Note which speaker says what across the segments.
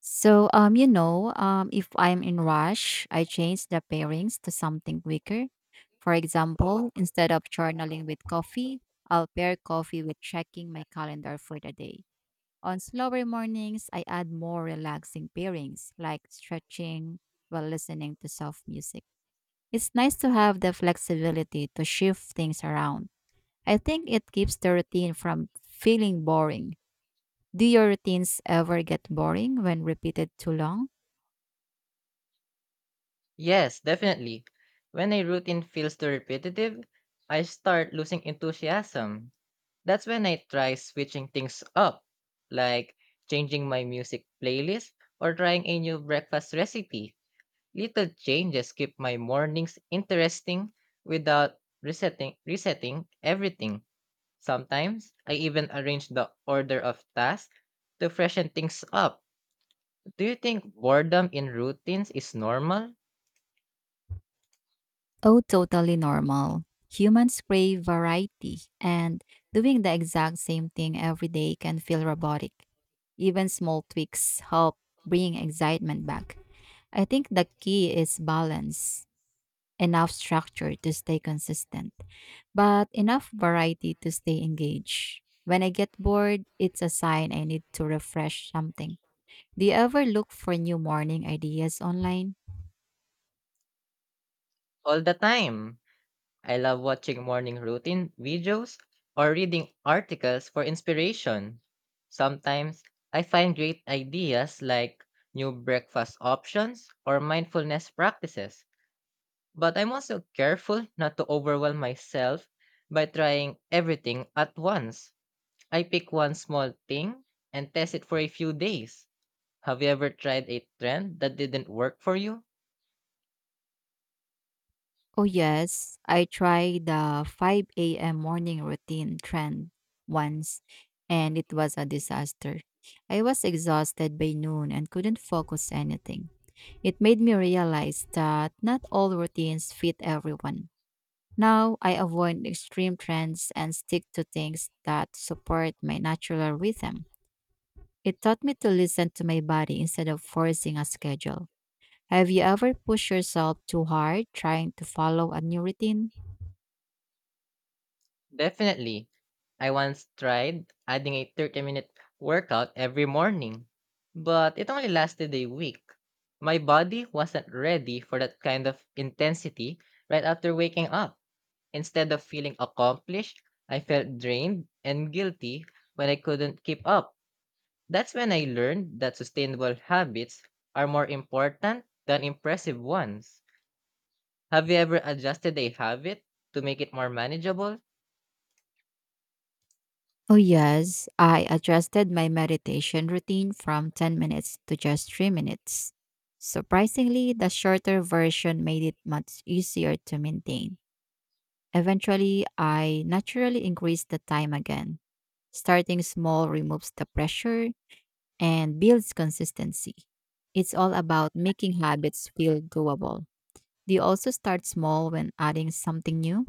Speaker 1: If I'm in rush, I change the pairings to something quicker. For example, instead of journaling with coffee, I'll pair coffee with checking my calendar for the day. On slower mornings, I add more relaxing pairings like stretching while listening to soft music. It's nice to have the flexibility to shift things around. I think it keeps the routine from feeling boring. Do your routines ever get boring when repeated too long?
Speaker 2: Yes, definitely. When a routine feels too repetitive, I start losing enthusiasm. That's when I try switching things up, like changing my music playlist or trying a new breakfast recipe. Little changes keep my mornings interesting without resetting everything. Sometimes I even arrange the order of tasks to freshen things up. Do you think boredom in routines is normal
Speaker 1: Oh, totally normal. Humans crave variety, and doing the exact same thing every day can feel robotic. Even small tweaks help bring excitement back. I think the key is balance, enough structure to stay consistent, but enough variety to stay engaged. When I get bored, it's a sign I need to refresh something. Do you ever look for new morning ideas online?
Speaker 2: all the time? I love watching morning routine videos or reading articles for inspiration. Sometimes I find great ideas like new breakfast options or mindfulness practices, but I'm also careful not to overwhelm myself by trying everything at once. I pick one small thing and test it for a few days. Have you ever tried a trend that didn't work for you?
Speaker 1: Oh, yes. I tried the 5 a.m. morning routine trend once, and it was a disaster. I was exhausted by noon and couldn't focus anything. It made me realize that not all routines fit everyone. Now, I avoid extreme trends and stick to things that support my natural rhythm. It taught me to listen to my body instead of forcing a schedule. Have you ever pushed yourself too hard trying to follow a new routine?
Speaker 2: Definitely. I once tried adding a 30-minute workout every morning, but it only lasted a week. My body wasn't ready for that kind of intensity right after waking up. Instead of feeling accomplished, I felt drained and guilty when I couldn't keep up. That's when I learned that sustainable habits are more important than impressive ones. Have you ever adjusted a habit to make it more manageable?
Speaker 1: Oh, yes. I adjusted my meditation routine from 10 minutes to just 3 minutes. Surprisingly, the shorter version made it much easier to maintain. Eventually, I naturally increased the time again. Starting small removes the pressure and builds consistency. It's all about making habits feel doable. Do you also start small when adding something new?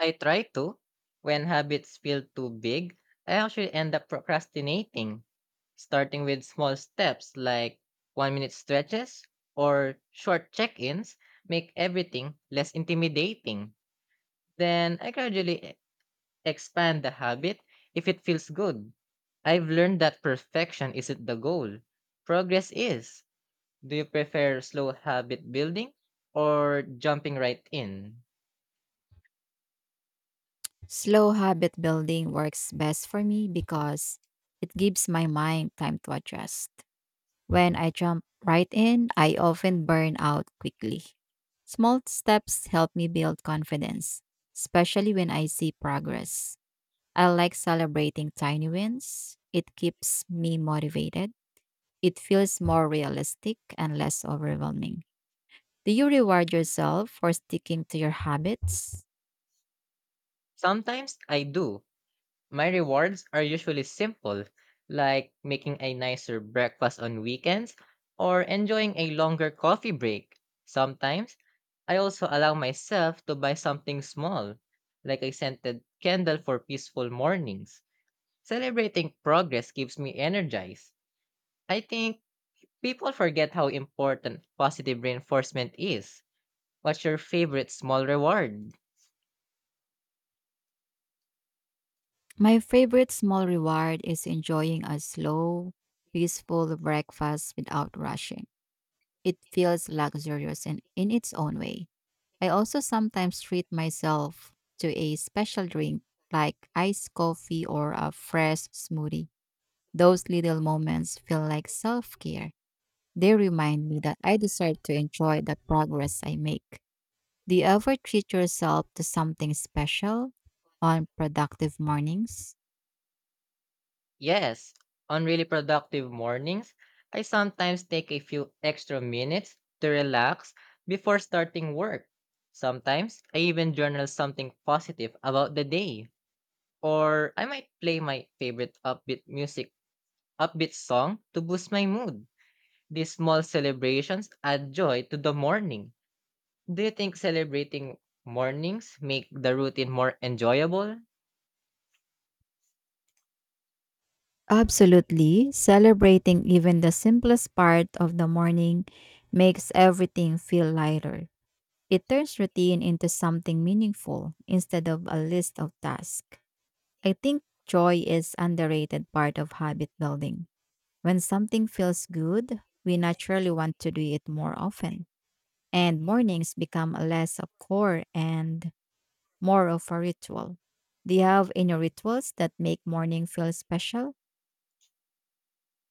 Speaker 2: I try to. When habits feel too big, I actually end up procrastinating, starting with small steps like 1 minute stretches or short check ins make everything less intimidating. Then I gradually expand the habit if it feels good. I've learned that perfection isn't the goal, progress is. Do you prefer slow habit building or jumping right in?
Speaker 1: Slow habit building works best for me because it gives my mind time to adjust. When I jump right in, I often burn out quickly. Small steps help me build confidence, especially when I see progress. I like celebrating tiny wins. It keeps me motivated. It feels more realistic and less overwhelming. Do you reward yourself for sticking to your habits?
Speaker 2: Sometimes I do. My rewards are usually simple, like making a nicer breakfast on weekends or enjoying a longer coffee break. Sometimes, I also allow myself to buy something small, like a scented candle for peaceful mornings. Celebrating progress keeps me energized. I think people forget how important positive reinforcement is. What's your favorite small reward?
Speaker 1: My favorite small reward is enjoying a slow, peaceful breakfast without rushing. It feels luxurious and in its own way. I also sometimes treat myself to a special drink like iced coffee or a fresh smoothie. Those little moments feel like self care. They remind me that I deserve to enjoy the progress I make. Do you ever treat yourself to something special on productive mornings?
Speaker 2: Yes, on really productive mornings, I sometimes take a few extra minutes to relax before starting work. Sometimes I even journal something positive about the day, or I might play my favorite upbeat song to boost my mood. These small celebrations add joy to the morning. Do you think celebrating mornings make the routine more enjoyable?
Speaker 1: Absolutely. Celebrating even the simplest part of the morning makes everything feel lighter. It turns routine into something meaningful instead of a list of tasks. I think joy is underrated part of habit building. When something feels good, we naturally want to do it more often. And mornings become less of core and more of a ritual. Do you have any rituals that make morning feel special?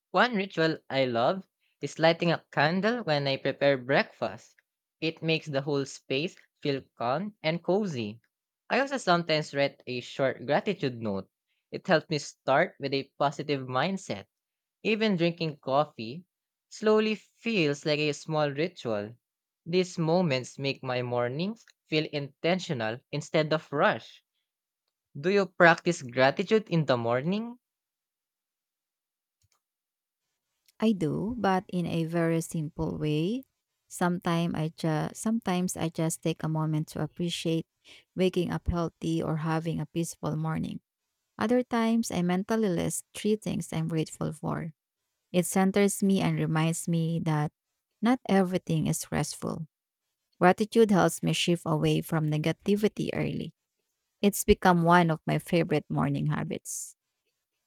Speaker 2: One ritual I love is lighting a candle when I prepare breakfast. It makes the whole space feel calm and cozy. I also sometimes write a short gratitude note. It helps me start with a positive mindset. Even drinking coffee slowly feels like a small ritual. These moments make my mornings feel intentional instead of rush. Do you practice gratitude in the morning?
Speaker 1: I do, but in a very simple way. Sometimes I just take a moment to appreciate waking up healthy or having a peaceful morning. Other times I mentally list three things I'm grateful for. It centers me and reminds me that not everything is stressful. Gratitude helps me shift away from negativity early. It's become one of my favorite morning habits.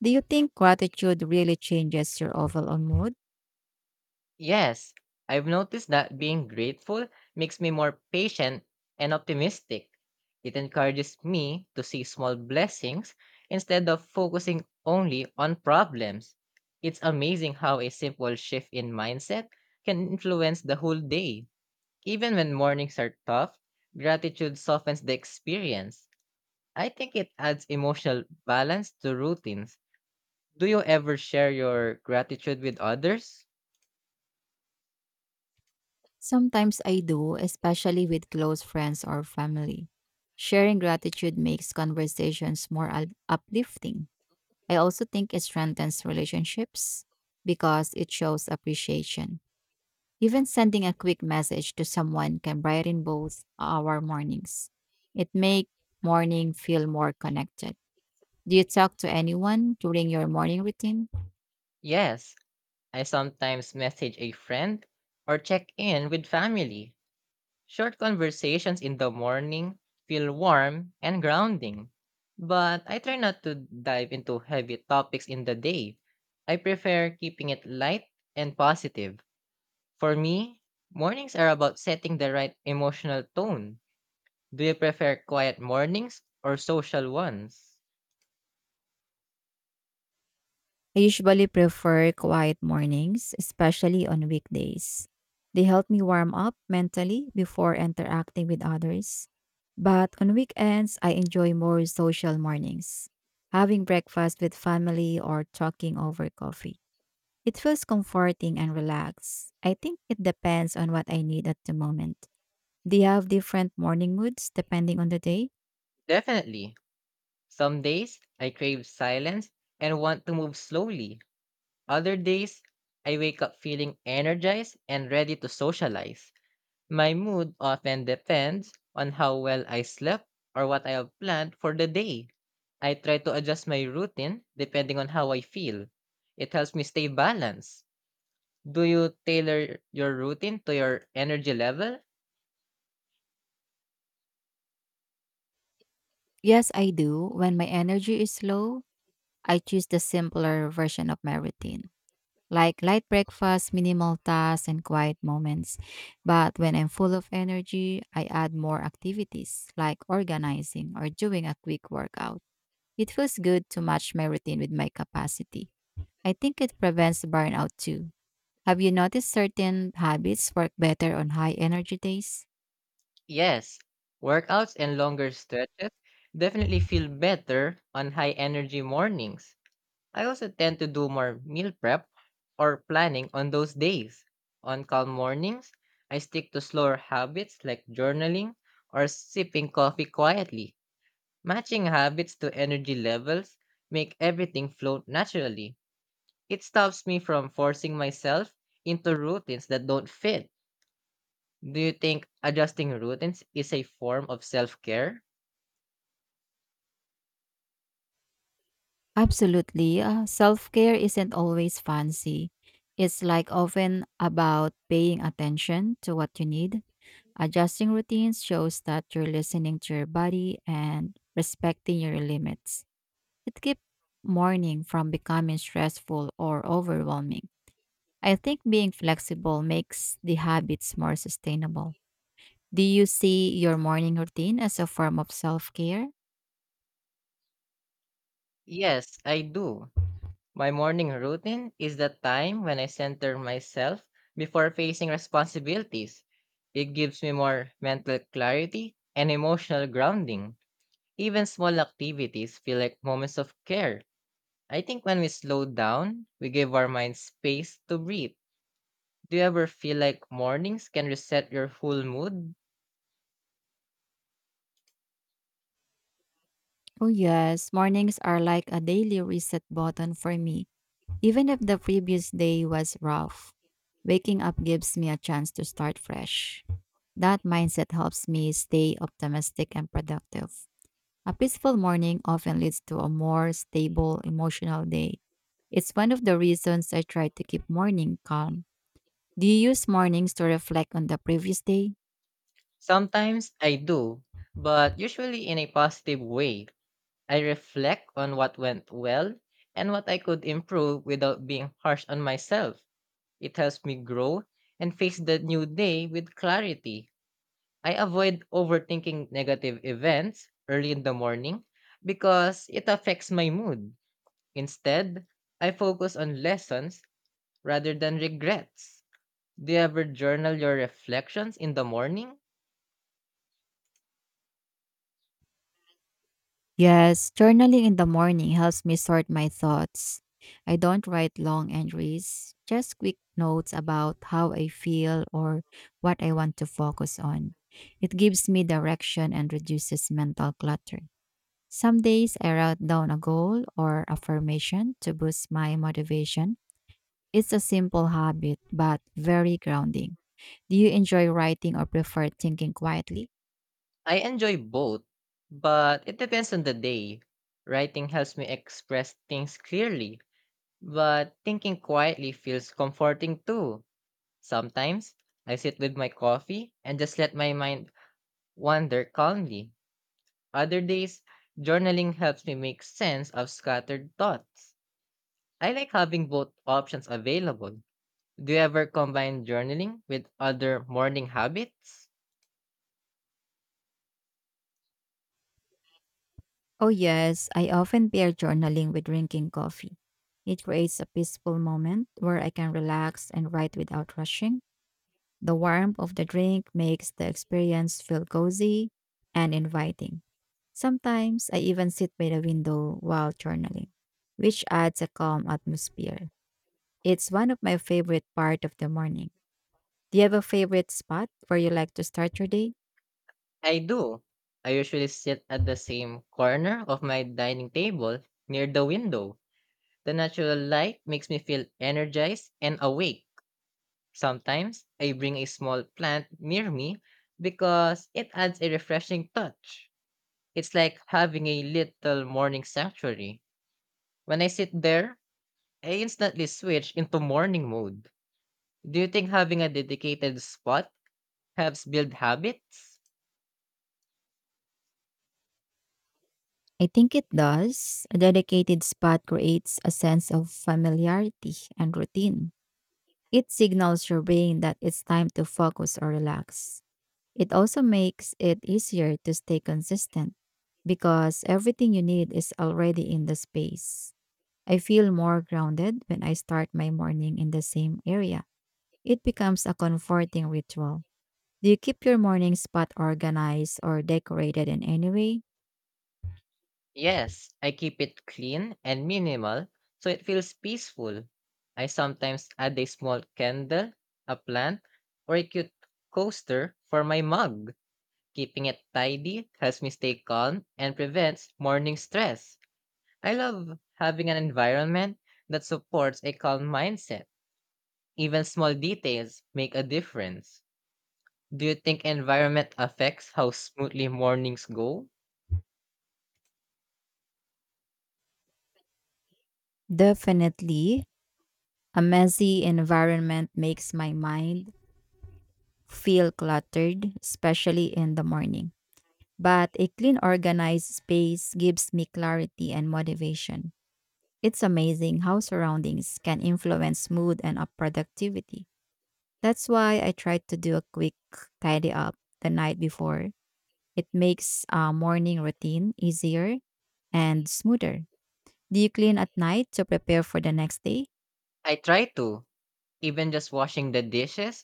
Speaker 1: Do you think gratitude really changes your overall mood?
Speaker 2: Yes, I've noticed that being grateful makes me more patient and optimistic. It encourages me to see small blessings instead of focusing only on problems. It's amazing how a simple shift in mindset can influence the whole day. Even when mornings are tough, gratitude softens the experience. I think it adds emotional balance to routines. Do you ever share your gratitude with others?
Speaker 1: Sometimes I do, especially with close friends or family. Sharing gratitude makes conversations more uplifting. I also think it strengthens relationships because it shows appreciation. Even sending a quick message to someone can brighten both our mornings. It makes morning feel more connected. Do you talk to anyone during your morning routine?
Speaker 2: Yes. I sometimes message a friend or check in with family. Short conversations in the morning feel warm and grounding. But I try not to dive into heavy topics in the day. I prefer keeping it light and positive. For me, mornings are about setting the right emotional tone. Do you prefer quiet mornings or social ones?
Speaker 1: I usually prefer quiet mornings, especially on weekdays. They help me warm up mentally before interacting with others. But on weekends, I enjoy more social mornings, having breakfast with family or talking over coffee. It feels comforting and relaxed. I think it depends on what I need at the moment. Do you have different morning moods depending on the day?
Speaker 2: Definitely. Some days I crave silence and want to move slowly. Other days, I wake up feeling energized and ready to socialize. My mood often depends on how well I slept or what I have planned for the day. I try to adjust my routine depending on how I feel. It helps me stay balanced. Do you tailor your routine to your energy level?
Speaker 1: Yes, I do. When my energy is low, I choose the simpler version of my routine. Like light breakfast, minimal tasks, and quiet moments. But when I'm full of energy, I add more activities like organizing or doing a quick workout. It feels good to match my routine with my capacity. I think it prevents burnout too. Have you noticed certain habits work better on high energy days?
Speaker 2: Yes. Workouts and longer stretches definitely feel better on high energy mornings. I also tend to do more meal prep or planning on those days. On calm mornings, I stick to slower habits like journaling or sipping coffee quietly. Matching habits to energy levels make everything flow naturally. It stops me from forcing myself into routines that don't fit. Do you think adjusting routines is a form of self-care?
Speaker 1: Absolutely. Self care isn't always fancy. It's like often about paying attention to what you need. Adjusting routines shows that you're listening to your body and respecting your limits. It keeps morning from becoming stressful or overwhelming. I think being flexible makes the habits more sustainable. Do you see your morning routine as a form of self care?
Speaker 2: Yes, I do. My morning routine is the time when I center myself before facing responsibilities. It gives me more mental clarity and emotional grounding. Even small activities feel like moments of care. I think when we slow down, we give our minds space to breathe. Do you ever feel like mornings can reset your whole mood?
Speaker 1: Oh, yes. Mornings are like a daily reset button for me, even if the previous day was rough. Waking up gives me a chance to start fresh. That mindset helps me stay optimistic and productive. A peaceful morning often leads to a more stable emotional day. It's one of the reasons I try to keep morning calm. Do you use mornings to reflect on the previous day?
Speaker 2: Sometimes I do, but usually in a positive way. I reflect on what went well and what I could improve without being harsh on myself. It helps me grow and face the new day with clarity. I avoid overthinking negative events early in the morning because it affects my mood. Instead, I focus on lessons rather than regrets. Do you ever journal your reflections in the morning?
Speaker 1: Yes, journaling in the morning helps me sort my thoughts. I don't write long entries, just quick notes about how I feel or what I want to focus on. It gives me direction and reduces mental clutter. Some days I write down a goal or affirmation to boost my motivation. It's a simple habit, but very grounding. Do you enjoy writing or prefer thinking quietly?
Speaker 2: I enjoy both, but it depends on the day. Writing helps me express things clearly. But thinking quietly feels comforting too. Sometimes I sit with my coffee and just let my mind wander calmly. Other days, journaling helps me make sense of scattered thoughts. I like having both options available. Do you ever combine journaling with other morning habits?
Speaker 1: Oh, yes, I often pair journaling with drinking coffee. It creates a peaceful moment where I can relax and write without rushing. The warmth of the drink makes the experience feel cozy and inviting. Sometimes I even sit by the window while journaling, which adds a calm atmosphere. It's one of my favorite part of the morning. Do you have a favorite spot where you like to start your day?
Speaker 2: I do. I usually sit at the same corner of my dining table near the window. The natural light makes me feel energized and awake. Sometimes I bring a small plant near me because it adds a refreshing touch. It's like having a little morning sanctuary. When I sit there, I instantly switch into morning mode. Do you think having a dedicated spot helps build habits?
Speaker 1: I think it does. A dedicated spot creates a sense of familiarity and routine. It signals your brain that it's time to focus or relax. It also makes it easier to stay consistent because everything you need is already in the space. I feel more grounded when I start my morning in the same area. It becomes a comforting ritual. Do you keep your morning spot organized or decorated in any way?
Speaker 2: Yes, I keep it clean and minimal so it feels peaceful. I sometimes add a small candle, a plant, or a cute coaster for my mug. Keeping it tidy helps me stay calm and prevents morning stress. I love having an environment that supports a calm mindset. Even small details make a difference. Do you think environment affects how smoothly mornings go?
Speaker 1: Definitely. A messy environment makes my mind feel cluttered, especially in the morning. But a clean, organized space gives me clarity and motivation. It's amazing how surroundings can influence mood and up productivity. That's why I try to do a quick tidy up the night before. It makes a morning routine easier and smoother. Do you clean at night to prepare for the next day?
Speaker 2: I try to. Even just washing the dishes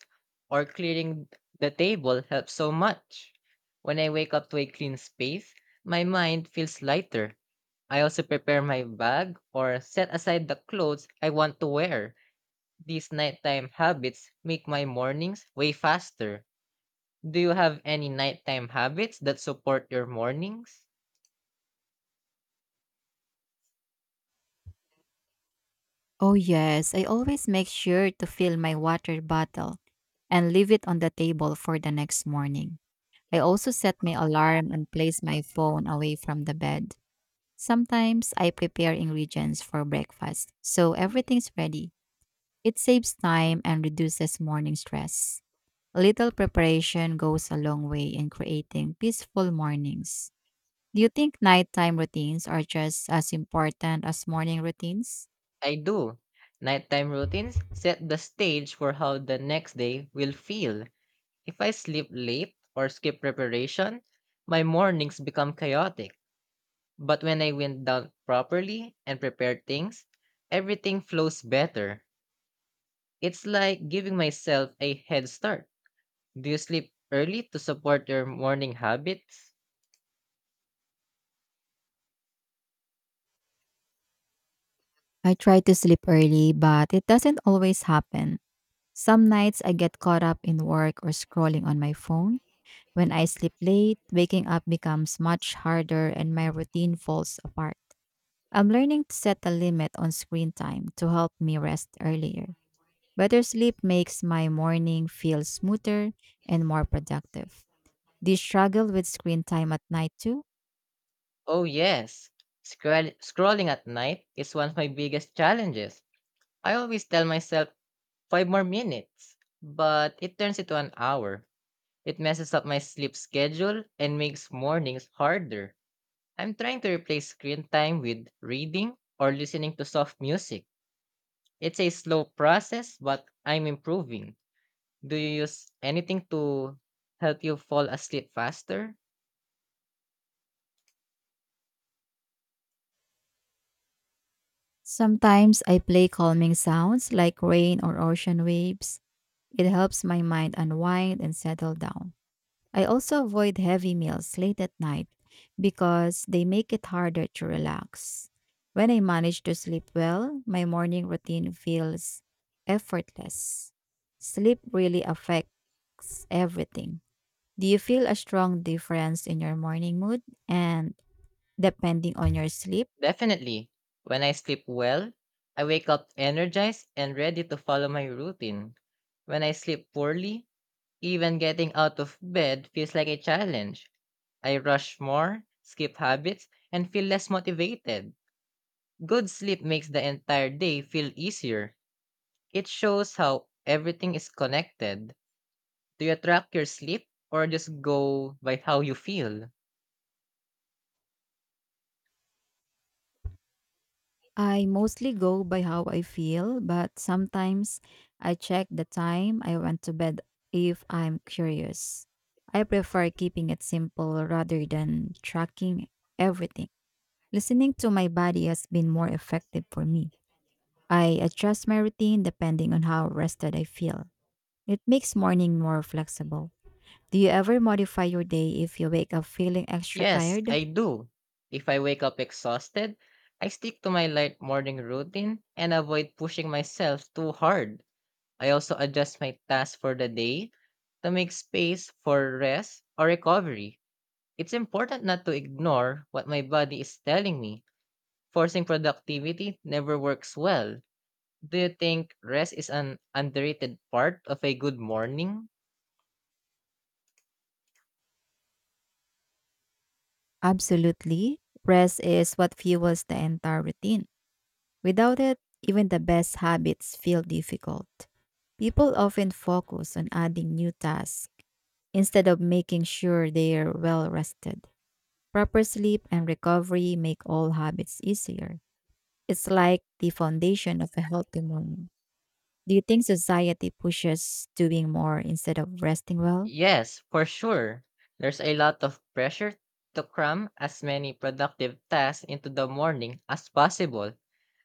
Speaker 2: or clearing the table helps so much. When I wake up to a clean space, my mind feels lighter. I also prepare my bag or set aside the clothes I want to wear. These nighttime habits make my mornings way faster. Do you have any nighttime habits that support your mornings?
Speaker 1: Oh, yes. I always make sure to fill my water bottle and leave it on the table for the next morning. I also set my alarm and place my phone away from the bed. Sometimes I prepare ingredients for breakfast, so everything's ready. It saves time and reduces morning stress. A little preparation goes a long way in creating peaceful mornings. Do you think nighttime routines are just as important as morning routines?
Speaker 2: I do. Nighttime routines set the stage for how the next day will feel. If I sleep late or skip preparation, my mornings become chaotic. But when I wind down properly and prepare things, everything flows better. It's like giving myself a head start. Do you sleep early to support your morning habits?
Speaker 1: I try to sleep early, but it doesn't always happen. Some nights I get caught up in work or scrolling on my phone. When I sleep late, waking up becomes much harder and my routine falls apart. I'm learning to set a limit on screen time to help me rest earlier. Better sleep makes my morning feel smoother and more productive. Do you struggle with screen time at night too?
Speaker 2: Oh, yes. Scrolling at night is one of my biggest challenges. I always tell myself five more minutes, but it turns into an hour. It messes up my sleep schedule and makes mornings harder. I'm trying to replace screen time with reading or listening to soft music. It's a slow process, but I'm improving. Do you use anything to help you fall asleep faster?
Speaker 1: Sometimes I play calming sounds like rain or ocean waves. It helps my mind unwind and settle down. I also avoid heavy meals late at night because they make it harder to relax. When I manage to sleep well, my morning routine feels effortless. Sleep really affects everything. Do you feel a strong difference in your morning mood and depending on your sleep?
Speaker 2: Definitely. When I sleep well, I wake up energized and ready to follow my routine. When I sleep poorly, even getting out of bed feels like a challenge. I rush more, skip habits, and feel less motivated. Good sleep makes the entire day feel easier. It shows how everything is connected. Do you track your sleep or just go by how you feel?
Speaker 1: I mostly go by how I feel, but sometimes I check the time I went to bed if I'm curious. I prefer keeping it simple rather than tracking everything. Listening to my body has been more effective for me. I adjust my routine depending on how rested I feel. It makes morning more flexible. Do you ever modify your day if you wake up feeling extra
Speaker 2: Yes,
Speaker 1: tired?
Speaker 2: I do. If I wake up exhausted, I stick to my light morning routine and avoid pushing myself too hard. I also adjust my tasks for the day to make space for rest or recovery. It's important not to ignore what my body is telling me. Forcing productivity never works well. Do you think rest is an underrated part of a good morning?
Speaker 1: Absolutely. Rest is what fuels the entire routine. Without it, even the best habits feel difficult. People often focus on adding new tasks instead of making sure they're well rested. Proper sleep and recovery make all habits easier. It's like the foundation of a healthy morning. Do you think society pushes doing more instead of resting well?
Speaker 2: Yes, for sure. There's a lot of pressure to cram as many productive tasks into the morning as possible,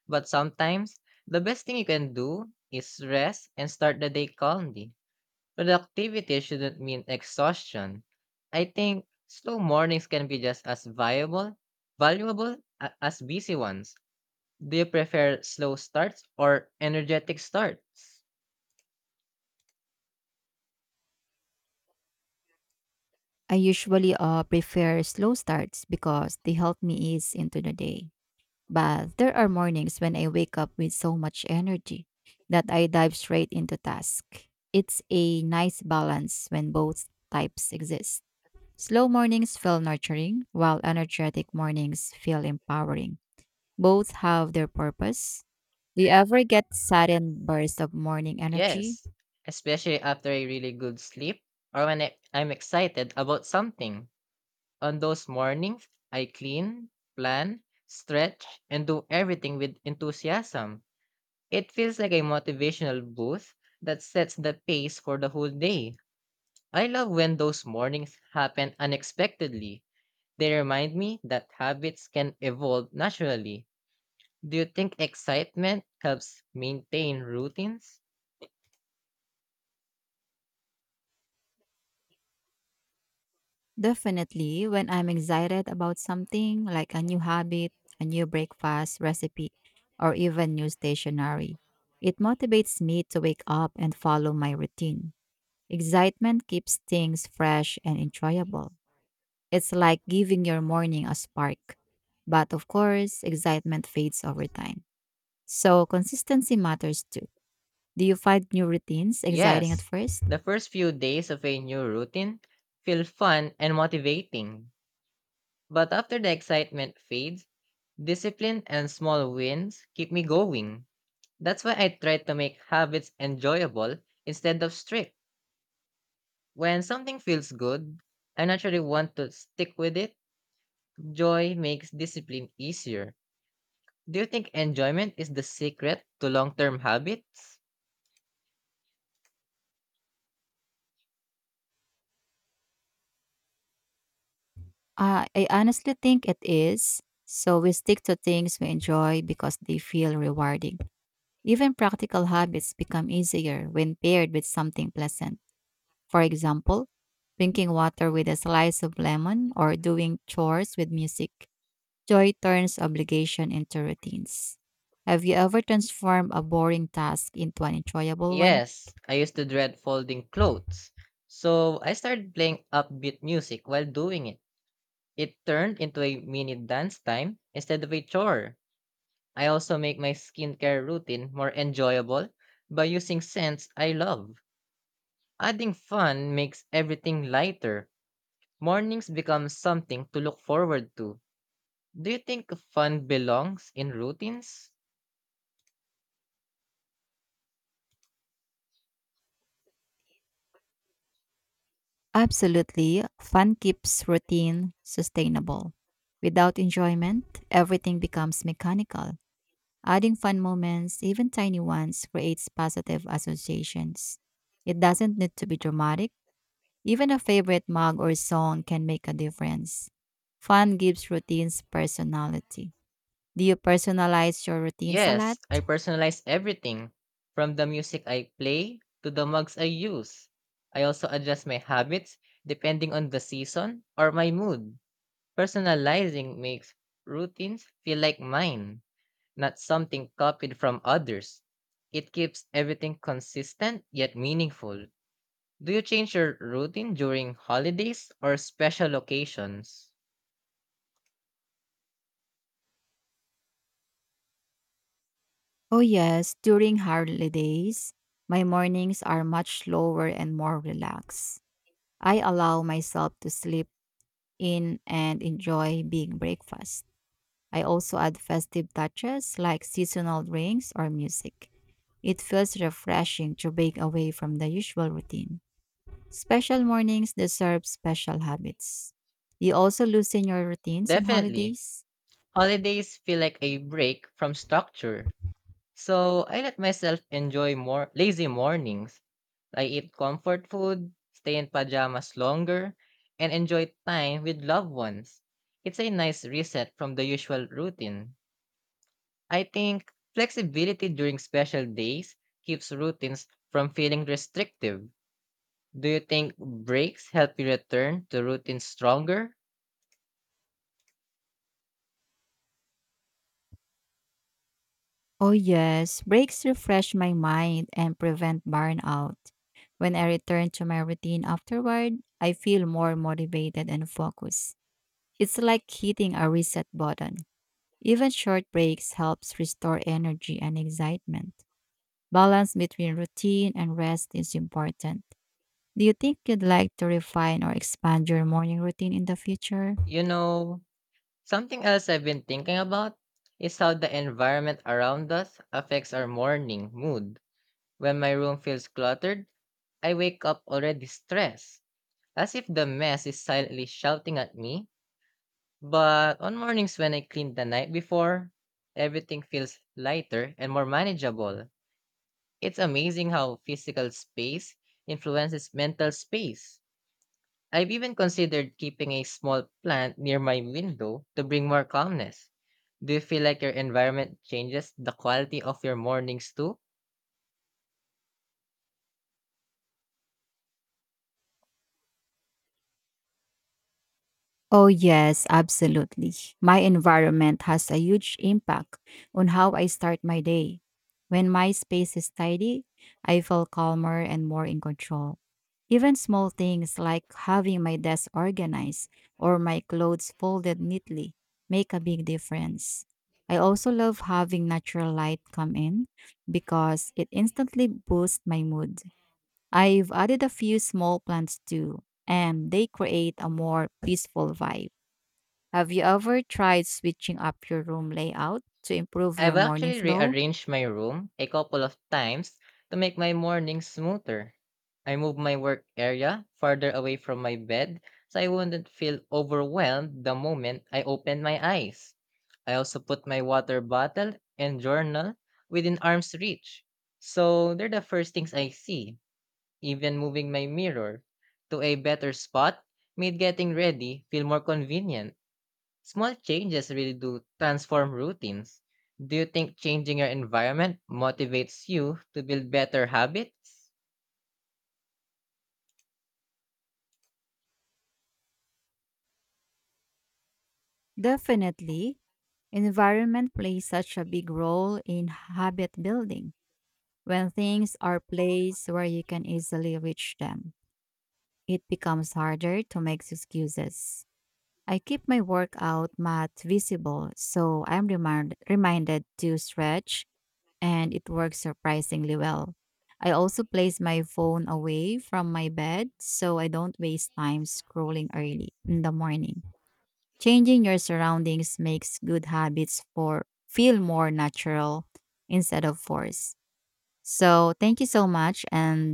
Speaker 2: but sometimes the best thing you can do is rest and start the day calmly. Productivity shouldn't mean exhaustion. I think slow mornings can be just as valuable as busy ones. Do you prefer slow starts or energetic starts?
Speaker 1: I usually prefer slow starts because they help me ease into the day. But there are mornings when I wake up with so much energy that I dive straight into task. It's a nice balance when both types exist. Slow mornings feel nurturing, while energetic mornings feel empowering. Both have their purpose. Do you ever get sudden bursts of morning energy?
Speaker 2: Yes, especially after a really good sleep or when I'm excited about something. On those mornings, I clean, plan, stretch, and do everything with enthusiasm. It feels like a motivational boost that sets the pace for the whole day. I love when those mornings happen unexpectedly. They remind me that habits can evolve naturally. Do you think excitement helps maintain routines?
Speaker 1: Definitely, when I'm excited about something like a new habit, a new breakfast recipe, or even new stationery, it motivates me to wake up and follow my routine. Excitement keeps things fresh and enjoyable. It's like giving your morning a spark. But of course, excitement fades over time. So consistency matters too. Do you find new routines exciting at
Speaker 2: Yes,
Speaker 1: first?
Speaker 2: the first few days of a new routine feel fun and motivating, but after the excitement fades, discipline and small wins keep me going. That's why I try to make habits enjoyable instead of strict. When something feels good, I naturally want to stick with it. Joy makes discipline easier. Do you think enjoyment is the secret to long term habits?
Speaker 1: I honestly think it is. So we stick to things we enjoy because they feel rewarding. Even practical habits become easier when paired with something pleasant. For example, drinking water with a slice of lemon or doing chores with music. Joy turns obligation into routines. Have you ever transformed a boring task into an enjoyable one?
Speaker 2: Yes, I used to dread folding clothes. So I started playing upbeat music while doing it. It turned into a mini dance time instead of a chore. I also make my skincare routine more enjoyable by using scents I love. Adding fun makes everything lighter. Mornings become something to look forward to. Do you think fun belongs in routines?
Speaker 1: Absolutely. Fun keeps routine sustainable. Without enjoyment, everything becomes mechanical. Adding fun moments, even tiny ones, creates positive associations. It doesn't need to be dramatic. Even a favorite mug or song can make a difference. Fun gives routines personality. Do you personalize your routines a lot?
Speaker 2: Yes, I personalize everything from the music I play to the mugs I use. I also adjust my habits depending on the season or my mood. Personalizing makes routines feel like mine, not something copied from others. It keeps everything consistent yet meaningful. Do you change your routine during holidays or special occasions?
Speaker 1: Oh, yes. During holidays, my mornings are much slower and more relaxed. I allow myself to sleep in and enjoy big breakfast. I also add festive touches like seasonal drinks or music. It feels refreshing to break away from the usual routine. Special mornings deserve special habits. You also loosen your routines on
Speaker 2: Definitely.
Speaker 1: holidays?
Speaker 2: Holidays feel like a break from structure. So I let myself enjoy more lazy mornings. I eat comfort food, stay in pajamas longer, and enjoy time with loved ones. It's a nice reset from the usual routine. I think flexibility during special days keeps routines from feeling restrictive. Do you think breaks help you return to routines stronger?
Speaker 1: Oh, yes, breaks refresh my mind and prevent burnout. When I return to my routine afterward, I feel more motivated and focused. It's like hitting a reset button. Even short breaks helps restore energy and excitement. Balance between routine and rest is important. Do you think you'd like to refine or expand your morning routine in the future?
Speaker 2: You know, something else I've been thinking about is how the environment around us affects our morning mood. When my room feels cluttered, I wake up already stressed, as if the mess is silently shouting at me. But on mornings when I clean the night before, everything feels lighter and more manageable. It's amazing how physical space influences mental space. I've even considered keeping a small plant near my window to bring more calmness. Do you feel like your environment changes the quality of your mornings too?
Speaker 1: Oh, yes, absolutely. My environment has a huge impact on how I start my day. When my space is tidy, I feel calmer and more in control. Even small things like having my desk organized or my clothes folded neatly make a big difference. I also love having natural light come in because it instantly boosts my mood. I've added a few small plants too, and they create a more peaceful vibe. Have you ever tried switching up your room layout to improve your
Speaker 2: I've
Speaker 1: morning
Speaker 2: actually
Speaker 1: flow?
Speaker 2: rearranged my room a couple of times to make my mornings smoother. I moved my work area farther away from my bed so I wouldn't feel overwhelmed the moment I opened my eyes. I also put my water bottle and journal within arm's reach, so they're the first things I see. Even moving my mirror to a better spot made getting ready feel more convenient. Small changes really do transform routines. Do you think changing your environment motivates you to build better habits?
Speaker 1: Definitely. Environment plays such a big role in habit building. When things are placed where you can easily reach them, it becomes harder to make excuses. I keep my workout mat visible so I'm reminded to stretch and it works surprisingly well. I also place my phone away from my bed so I don't waste time scrolling early in the morning. Changing your surroundings makes good habits for feel more natural instead of forced. So, thank you so much and